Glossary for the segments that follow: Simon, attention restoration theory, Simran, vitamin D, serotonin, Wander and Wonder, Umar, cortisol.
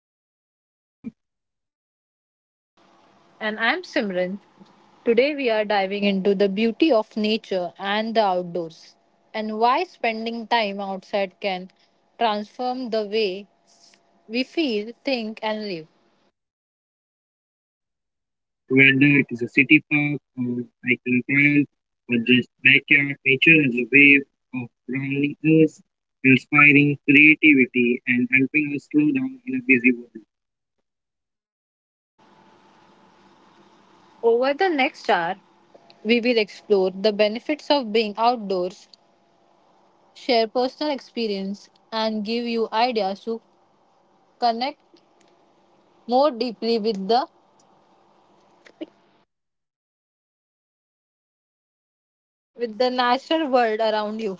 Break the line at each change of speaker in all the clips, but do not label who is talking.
Wonder. I am Umar.
And I'm Simran. Today we are diving into the beauty of nature and the outdoors and why spending time outside can transform the way we feel, think, and live.
Whether it is a city park or hiking trail or just backyard, nature is a way of grounding us, inspiring creativity and helping us slow down in a busy world.
Over the next hour, we will explore the benefits of being outdoors, share personal experience, and give you ideas to connect more deeply with the natural world around you.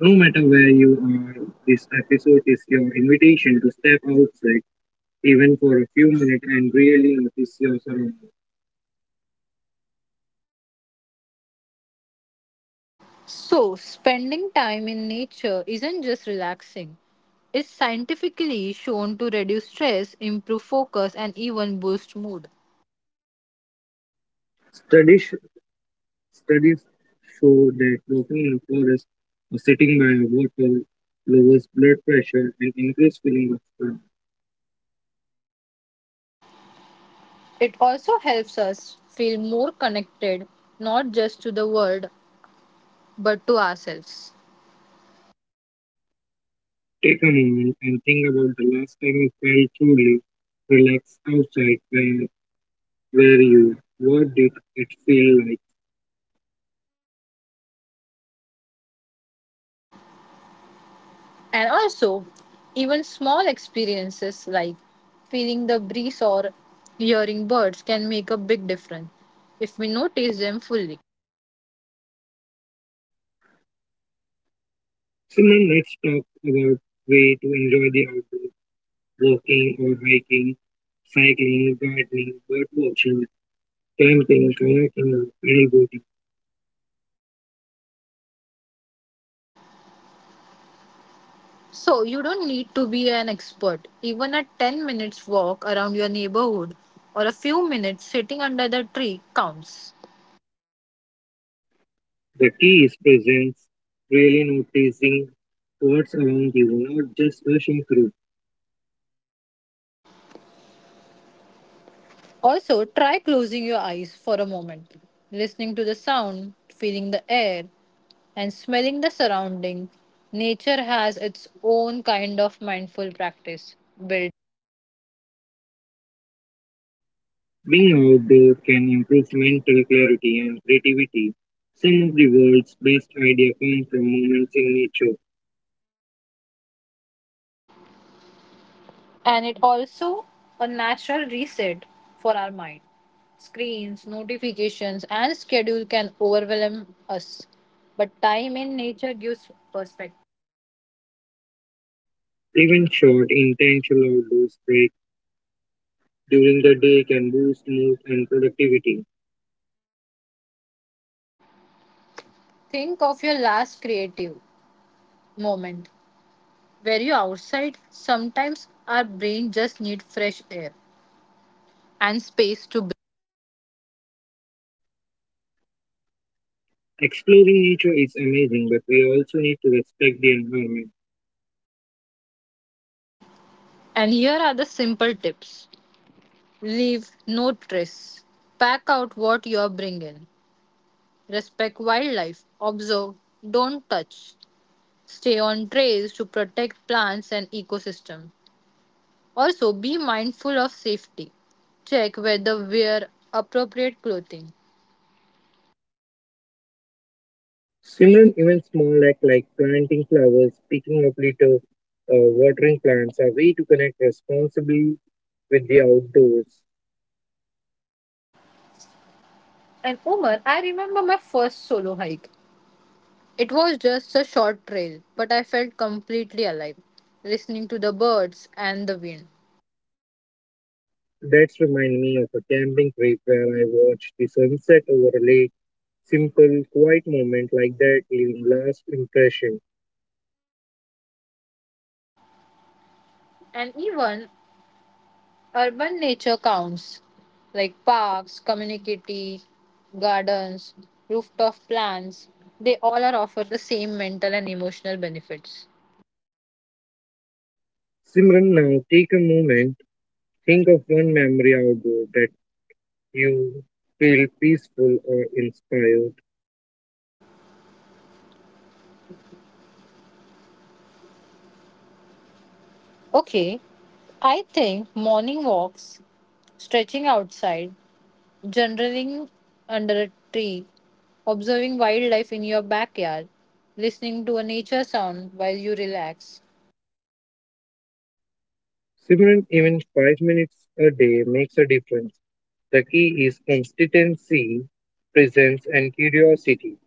No matter where you are, this episode is your invitation to step outside even for a few minutes and really notice your surroundings.
So, spending time in nature isn't just relaxing. It's scientifically shown to reduce stress, improve focus, and even boost mood.
Tradi- Studies show that walking in a forest or sitting by a water lowers blood pressure and increases feeling of calm.
It also helps us feel more connected, not just to the world but to ourselves.
Take a moment and think about the last time you felt truly relaxed outside where you were. What did it feel like?
And also, even small experiences like feeling the breeze or hearing birds can make a big difference if we notice them fully.
Simon, let's talk about way to enjoy the outdoors, walking or hiking, cycling, gardening, bird watching, camping, kayaking, or paddleboarding.
So, you don't need to be an expert. Even a 10 minutes walk around your neighborhood or a few minutes sitting under the tree counts.
The key is presence, really noticing what's around you, not just rushing through.
Also, try closing your eyes for a moment, listening to the sound, feeling the air, and smelling the surrounding. Nature has its own kind of mindful practice built,
Being outdoor can improve mental clarity and creativity. Some of the world's best ideas come from moments in nature.
and it also a natural reset for our mind. Screens, notifications, and schedule can overwhelm us, but time in nature gives perspective.
Even short, intentional outdoors breaks during the day can boost mood and productivity.
Think of your last creative moment where you outside. Sometimes our brain just need fresh air and space to breathe.
Exploring nature is amazing, but we also need to respect the environment.
And here are the simple tips: leave no trace, pack out what you are bringing, respect wildlife, observe, don't touch. Stay on trails to protect plants and ecosystem. Also, be mindful of safety. Check whether wear appropriate clothing.
Simran, even small acts like planting flowers, picking up litter, watering plants are way to connect responsibly with the outdoors.
And Umar, I remember my first solo hike. It was just a short trail, but I felt completely alive, listening to the birds and the wind.
That's remind me of a camping trip where I watched the sunset over a lake. Simple, quiet moment like that leaving last impression.
And even urban nature counts, like parks, community, gardens, rooftop plants, they all are offer the same mental and emotional benefits.
Simran, now take a moment. Think of one memory outdoor that you feel peaceful or inspired.
Okay, I think morning walks, stretching outside, journaling under a tree, observing wildlife in your backyard, listening to a nature sound while you relax.
Simran, even 5 minutes a day makes a difference. The key is consistency, presence, and curiosity.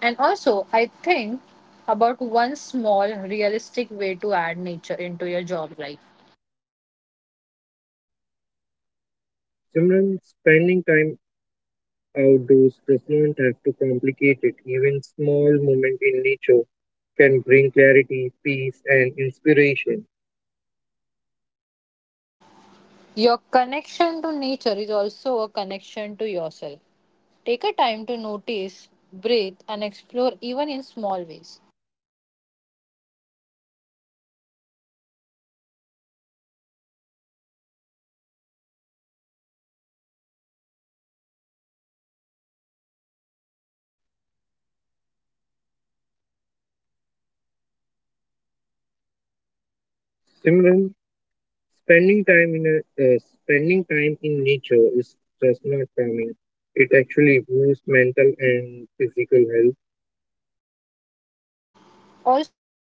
And also, I think about one small realistic way to add nature into your job life.
Simran, spending time outdoors does not have to complicate it. Even small moments in nature can bring clarity, peace, and inspiration.
Your connection to nature is also a connection to yourself. Take a time to notice, breathe, and explore even in small ways.
Simran, spending time in a, spending time in nature is just not calming. It actually boosts mental and physical health.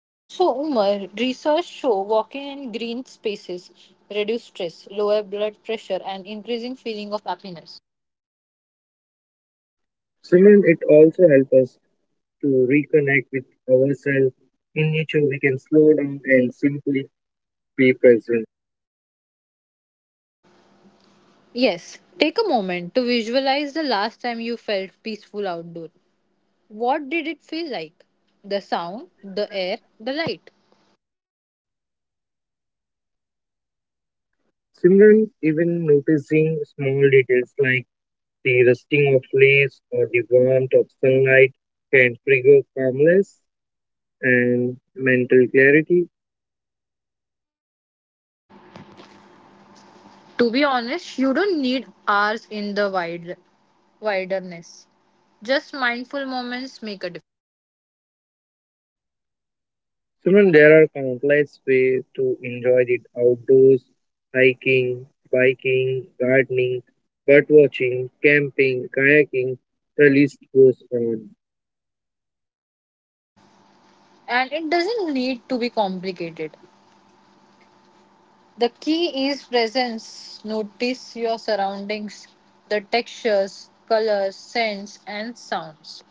Also, Umar, research show walking in green spaces reduce stress, lower blood pressure, and increasing feeling of happiness.
Simran, it also helps us to reconnect with ourselves. In nature, we can slow down and simply be present.
Yes, take a moment to visualize the last time you felt peaceful outdoor. What did it feel like? The sound, the air, the light.
Similarly, even noticing small details like the rusting of leaves or the warmth of sunlight can trigger calmness and mental clarity.
To be honest, you don't need hours in the wilderness. Just mindful moments make a difference.
Similarly, there are countless ways to enjoy the outdoors, hiking, biking, gardening, bird watching, camping, kayaking, the list goes on.
And it doesn't need to be complicated. The key is presence. Notice your surroundings, the textures, colors, scents, and sounds.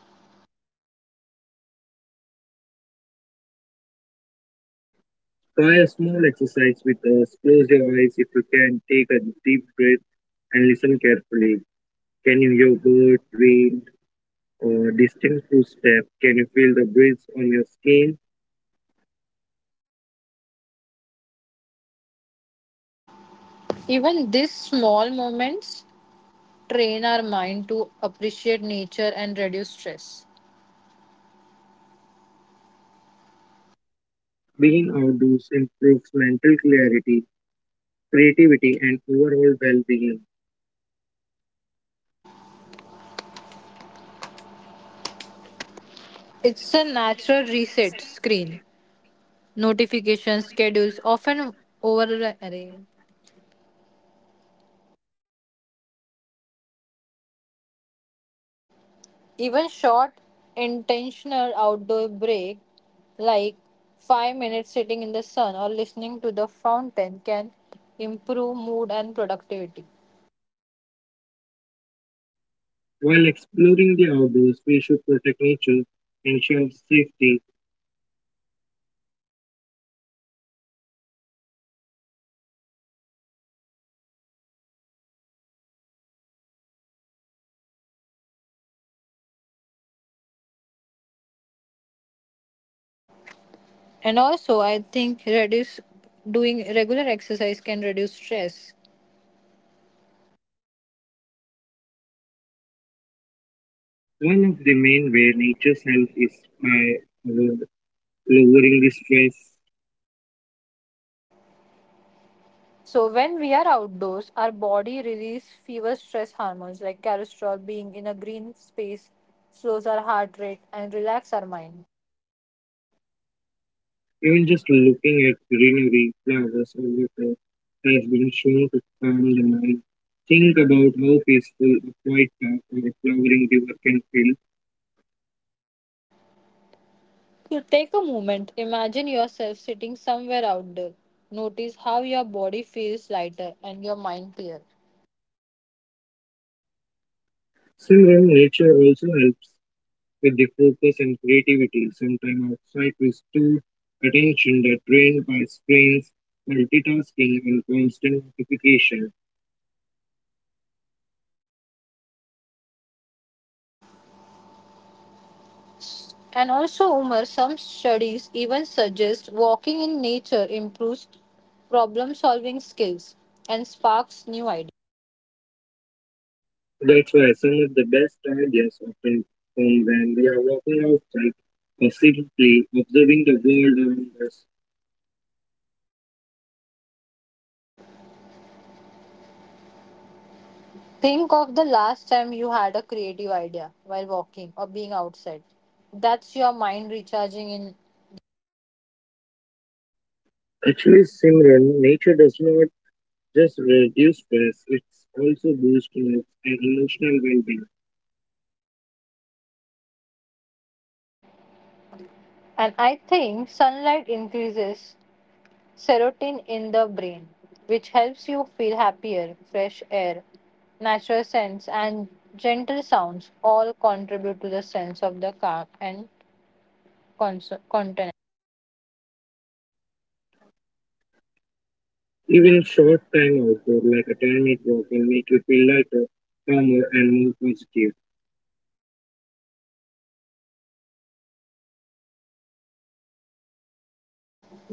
Try a small exercise with us. Close your eyes if you can. Take a deep breath and listen carefully. Can you hear bird, wind, or distant footstep? Can you feel the breeze on your skin?
Even these small moments train our mind to appreciate nature and reduce stress.
Being outdoors improves mental clarity, creativity, and overall well-being.
It's a natural reset screen. Notifications, schedules often over. Even short, intentional outdoor break, like 5 minutes sitting in the sun or listening to the fountain, can improve mood and productivity.
While exploring the outdoors, we should protect nature, ensure safety.
And also, I think reduce doing regular exercise can reduce stress.
One of the main ways nature's help is by uh, lowering the stress.
So when we are outdoors, our body release fewer stress hormones like cortisol. Being in a green space slows our heart rate and relax our mind.
Even just looking at greenery, flowers, or water has been shown to calm the mind. Think about how peaceful a quiet park or a flowering river can feel.
To take a moment, imagine yourself sitting somewhere outdoor. Notice how your body feels lighter and your mind clear.
Similar nature also helps with the focus and creativity. Sometimes outside with too attention that drained by screens, multitasking, and constant notification.
And also, Umar, some studies even suggest walking in nature improves problem solving skills and sparks new ideas.
That's why some of the best ideas often come when we are walking outside or simply observing the world around us.
Think of the last time you had a creative idea while walking or being outside. That's your mind recharging in.
Actually, Simran, nature does not just reduce stress, it also boosts moods and emotional well-being.
And I think sunlight increases serotonin in the brain, which helps you feel happier. Fresh air, natural scents, and gentle sounds all contribute to the sense of the calm and continence.
Even short time outdoor, like a 10-minute walk, will make you feel lighter, calmer, and more positive.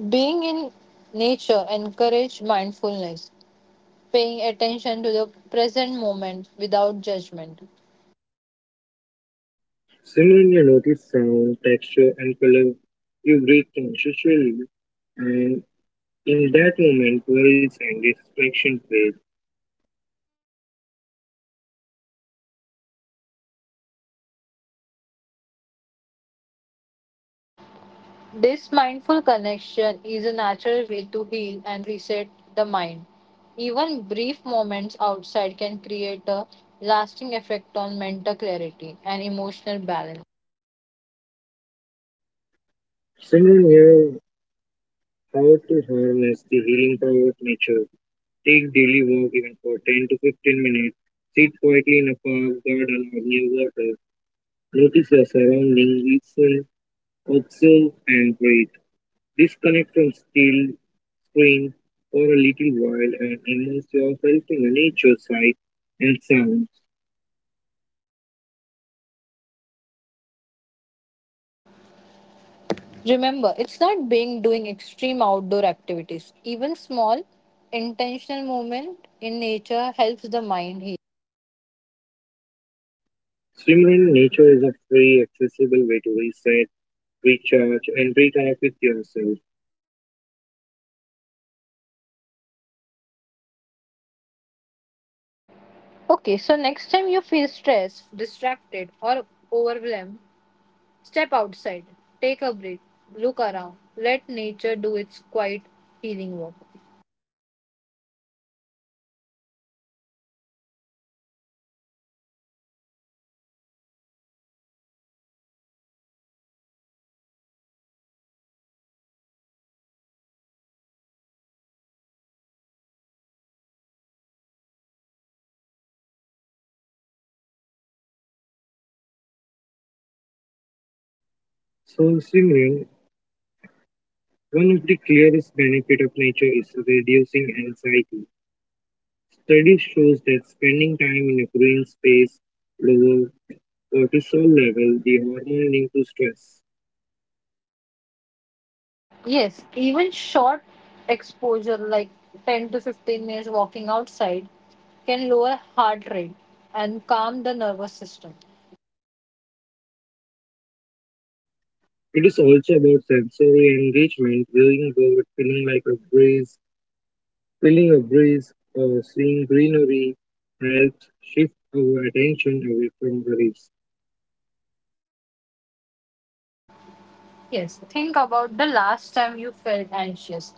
Being in nature encourages mindfulness, paying attention to the present moment without judgment.
Simran, you notice sound, texture, and color. You breathe consciously, and in that moment, worries and distraction fade.
This mindful connection is a natural way to heal and reset the mind. Even brief moments outside can create a lasting effect on mental clarity and emotional balance.
Simran, here how to harness the healing power of nature. Take daily walk even for 10 to 15 minutes. Sit quietly in a park, garden, or near water. Notice your surroundings, listen, observe, and breathe. Disconnect from screen for a little while and immerse yourself in the nature sight and sounds.
Remember, it's not being doing extreme outdoor activities. Even small, intentional movement in nature helps the mind heal.
Swimming in nature is a free, accessible way to reset, recharge, and reconnect with yourself.
Okay, so next time you feel stressed, distracted, or overwhelmed, step outside, take a break, look around, let nature do its quiet healing work.
So, swimming, one of the clearest benefits of nature is reducing anxiety. Studies shows that spending time in a green space lower cortisol level, the hormone linked to stress.
Yes, even short exposure like 10 to 15 minutes walking outside can lower heart rate and calm the nervous system.
It is also about sensory engagement, going about feeling like a breeze, feeling a breeze, or seeing greenery helps shift our attention away from worries.
Yes, think about the last time you felt anxious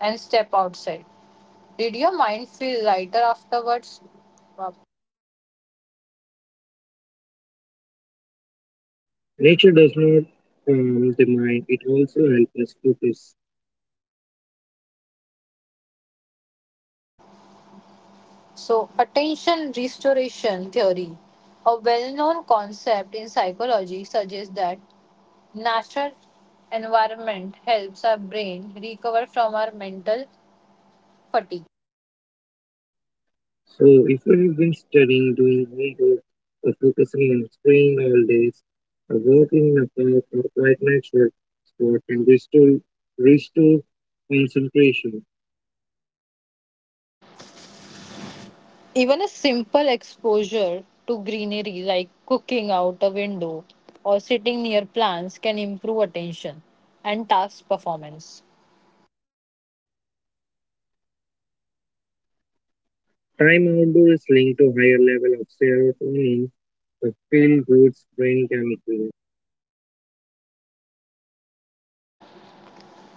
and step outside. Did your mind feel lighter afterwards? Wow.
Nature does not calm the mind; it also helps us focus.
So, attention restoration theory, a well known concept in psychology, suggests that natural environment helps our brain recover from our mental fatigue.
So if you've been studying, doing homework, or focusing on screen all days, a walk in a park or quiet natural spot can restore concentration.
Even a simple exposure to greenery, like cooking out a window or sitting near plants, can improve attention and task performance.
Time outdoor is linked to higher level of serotonin, a feel-good brain chemical.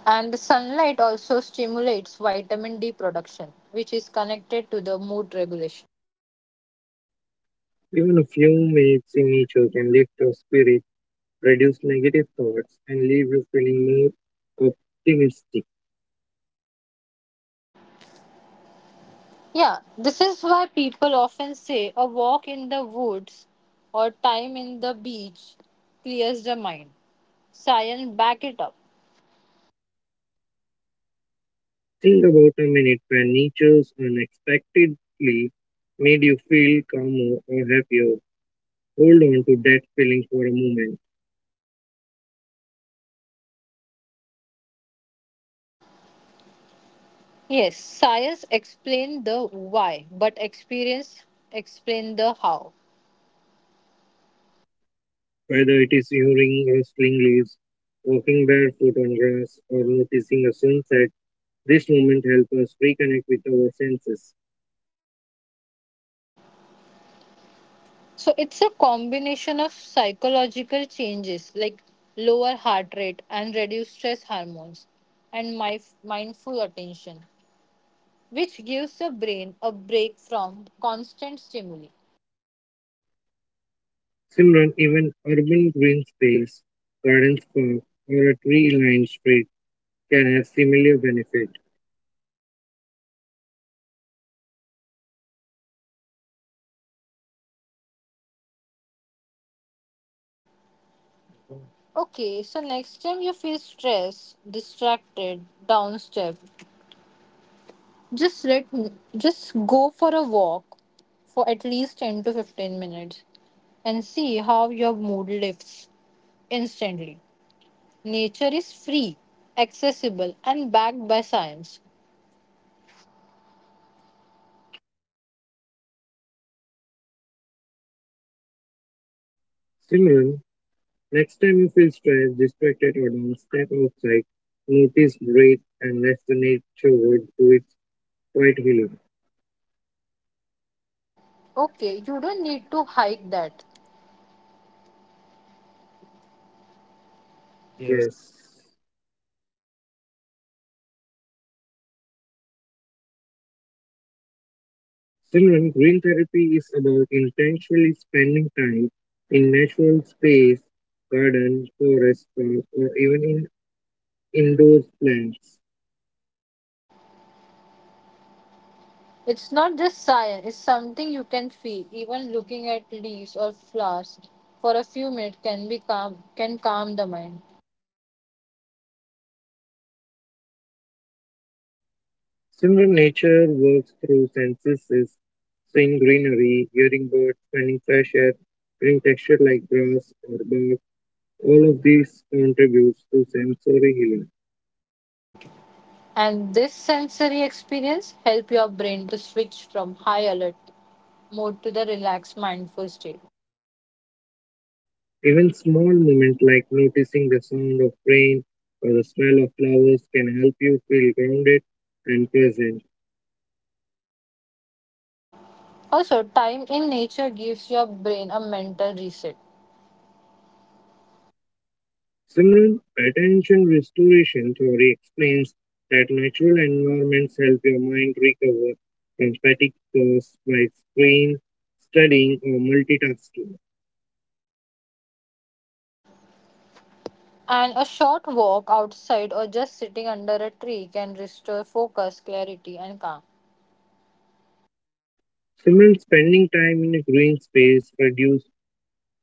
And the sunlight also stimulates vitamin D production, which is connected to the mood regulation.
Even a few minutes in nature can lift your spirit, reduce negative thoughts, and leave you feeling more optimistic.
Yeah, this is why people often say a walk in the woods or time in the beach clears the mind. Science back it up.
Think about a minute when nature's unexpectedly made you feel calmer or happier. Hold on to that feeling for a moment,
Yes, science explain the why, but experience explain the how.
whether it is hearing rustling leaves, walking barefoot on grass, or noticing a sunset. This moment helps us reconnect with our senses.
So it's a combination of psychological changes like lower heart rate and reduced stress hormones and my mindful attention, which gives the brain a break from constant stimuli.
Simran, even urban green space, gardens park, or a tree-lined street can have similar benefit.
Okay, so next time you feel stressed, distracted, downstep, just let just go for a walk for at least 10 to 15 minutes and see how your mood lifts instantly. Nature is free, accessible and backed by science.
Simran, next time you feel stressed, distracted, or down, step outside, notice, breathe, and let the nature work do its quiet healing.
Okay, you don't need to hike that.
Yes. Children, green therapy is about intentionally spending time in natural space, garden, forest, park, or even in indoor plants.
It's not just science, it's something you can feel. Even looking at leaves or flowers for a few minutes can calm the mind.
Similar nature works through senses, seeing greenery, hearing birds, finding fresh air, feeling texture like grass or bark, all of these contributes to sensory healing.
And this sensory experience help your brain to switch from high alert mode to the relaxed mindful state.
Even small moments like noticing the sound of rain or the smell of flowers can help you feel grounded and present.
Also, time in nature gives your brain a mental reset.
Simran, attention restoration theory explains that natural environments help your mind recover from fatigue caused by screen, studying, or multitasking.
And a short walk outside or just sitting under a tree can restore focus, clarity, and calm.
Simran, spending time in a green space reduces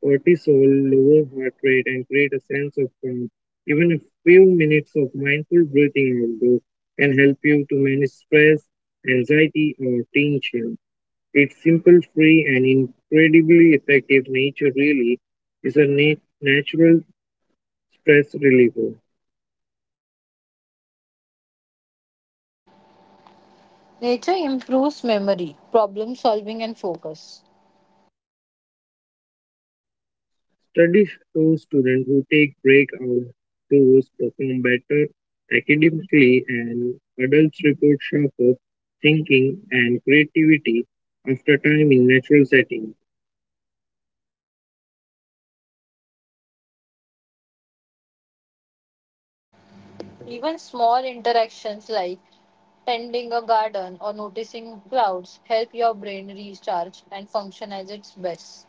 cortisol, lower heart rate, and create a sense of calm. Even a few minutes of mindful breathing outdoors can help you to manage stress, anxiety, or tension. It's simple, free, and incredibly effective. Nature really is a natural stress reliever.
Nature improves memory, problem solving, and focus.
Studies show students who take break out tours perform better academically, and adults report sharper thinking and creativity after time in natural settings.
Even small interactions like tending a garden or noticing clouds help your brain recharge and function as its best.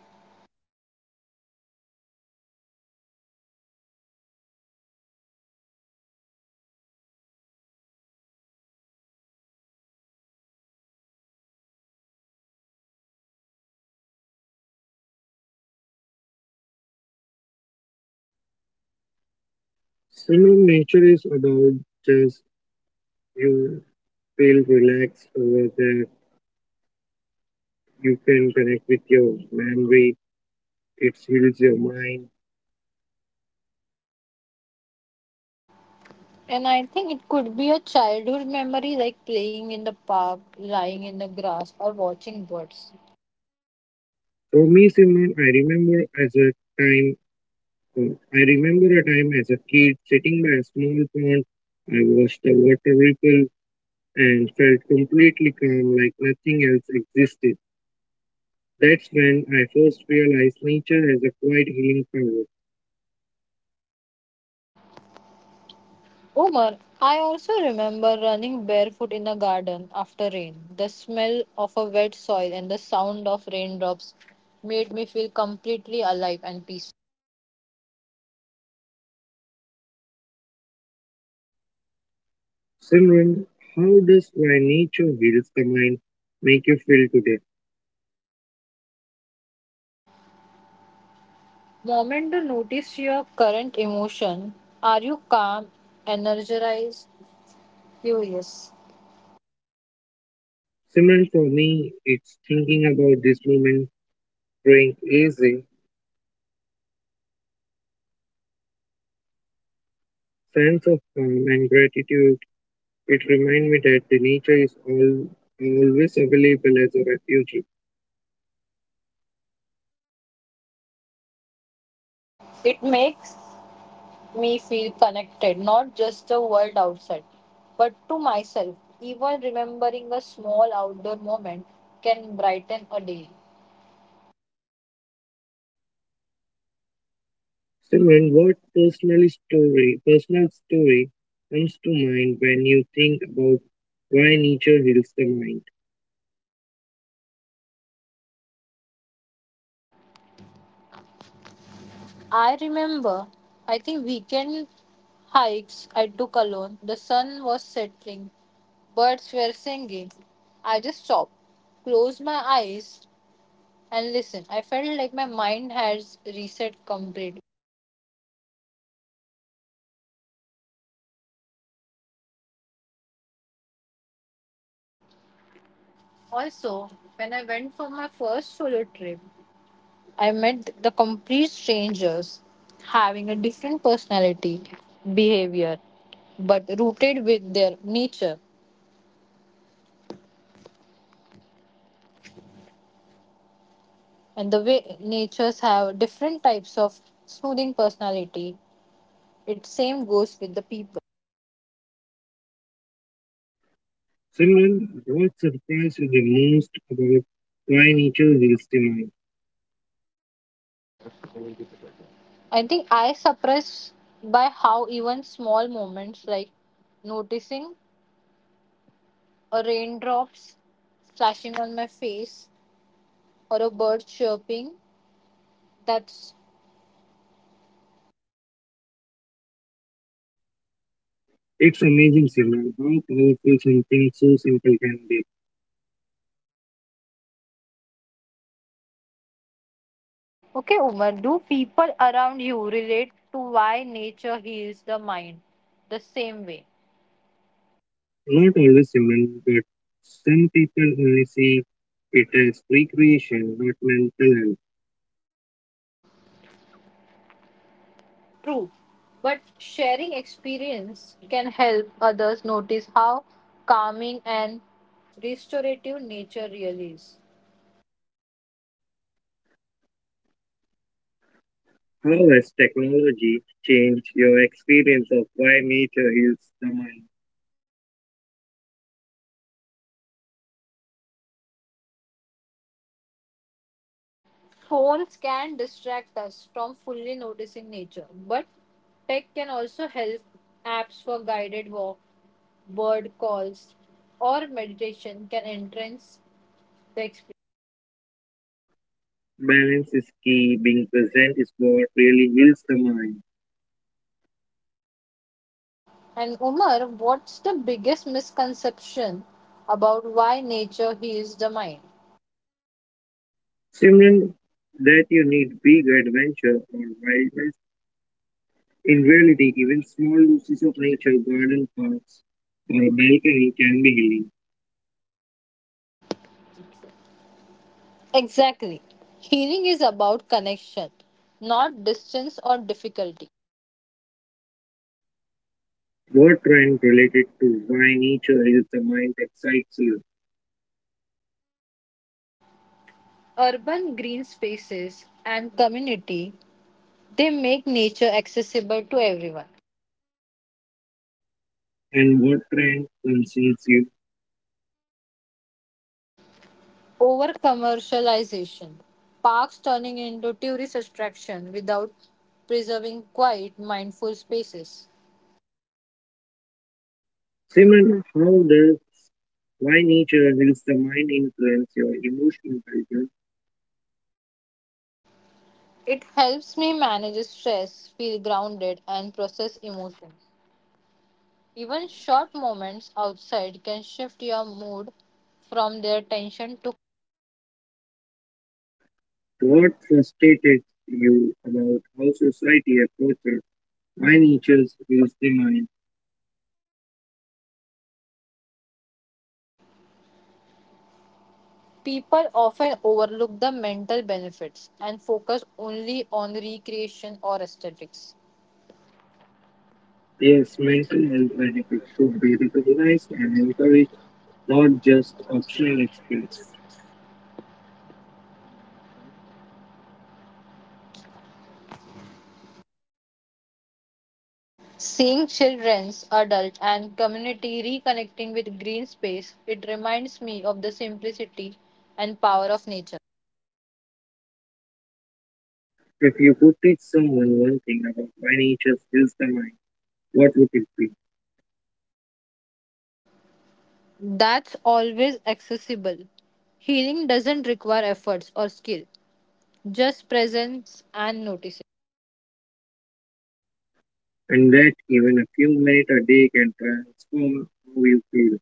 Summer nature is about just you feel relaxed over there. You can connect with your memory. It heals your mind.
And I think it could be a childhood memory like playing in the park, lying in the grass, or watching birds.
For me, Simon, time So I remember a time as a kid sitting by a small pond. I watched the water ripple and felt completely calm like nothing else existed. That's when I first realized nature has a quiet healing power.
Omar, I also remember running barefoot in the garden after rain. The smell of a wet soil and the sound of raindrops made me feel completely alive and peaceful.
Simran, how does why nature heals the mind make you feel today?
Moment to notice your current emotion. Are you calm, energized, curious?
Simran, for me, it's thinking about this moment, growing easy, sense of calm and gratitude. It reminds me that the nature is all always available as a refuge.
It makes me feel connected, not just the world outside, but to myself. Even remembering a small outdoor moment can brighten a day.
Simran, what personal story comes to mind when you think about why nature heals the mind?
I remember, I think, weekend hikes I took alone. The sun was setting, birds were singing. I just stopped, closed my eyes, and listened. I felt like my mind has reset completely. Also, when I went for my first solo trip, I met the complete strangers, having a different personality, behavior, but rooted with their nature. And the way natures have different types of smoothing personality, it same goes with the people.
Simran, what surprised you the most about why nature heals the mind?
I think I suppress by how even small moments like noticing a raindrops splashing on my face or a bird chirping That's
It's amazing, Simran, how powerful something so simple can be.
Okay, Umar, do people around you relate to why nature heals the mind the same way?
Not always, Simran, but some people only see it as recreation, not mental health.
True. But sharing experience can help others notice how calming and restorative nature really is.
How has technology changed your experience of why nature heals the mind?
Phones can distract us from fully noticing nature, but tech can also help apps for guided walk, bird calls, or meditation can enhance the experience.
Balance is key. Being present is what really heals the mind.
And Umar, what's the biggest misconception about why nature heals the mind?
Simran, that you need big adventure or wildness. In reality, even small doses of nature, garden paths, or a balcony can be healing.
Exactly. Healing is about connection, not distance or difficulty.
What trend related to why nature is the mind excites you,
Urban green spaces and community, they make nature accessible to everyone.
and what trend concerns you?
Over commercialization, parks turning into tourist attraction without preserving quiet, mindful spaces.
Simran, how does why nature heals the mind influence your emotional culture?
It helps me manage stress, feel grounded, and process emotions. Even short moments outside can shift your mood from their tension to
What frustrated you about how society approaches financial is the mind?
people often overlook the mental benefits and focus only on recreation or aesthetics.
Yes, mental health benefits should be recognized and encouraged, not just optional expense.
Seeing children's, adult, and community reconnecting with green space, it reminds me of the simplicity and power of nature.
If you could teach someone one thing about financial heals the mind, what would it be?
That's always accessible. Healing doesn't require efforts or skill, just presence and notice.
And that even a few minutes a day can transform how you feel.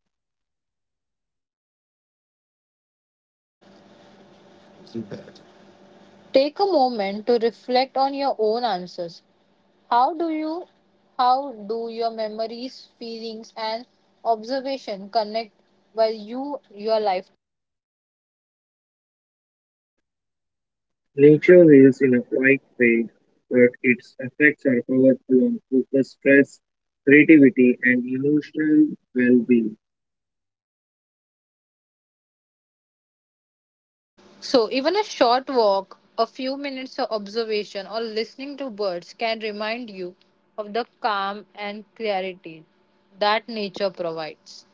Take a moment to reflect on your own answers. How do you how do your memories, feelings and observation connect while you your life?
Nature heals in a quiet way, but its effects are powerful on focus, stress, creativity, and emotional well being.
So even a short walk, a few minutes of observation or listening to birds can remind you of the calm and clarity that nature provides.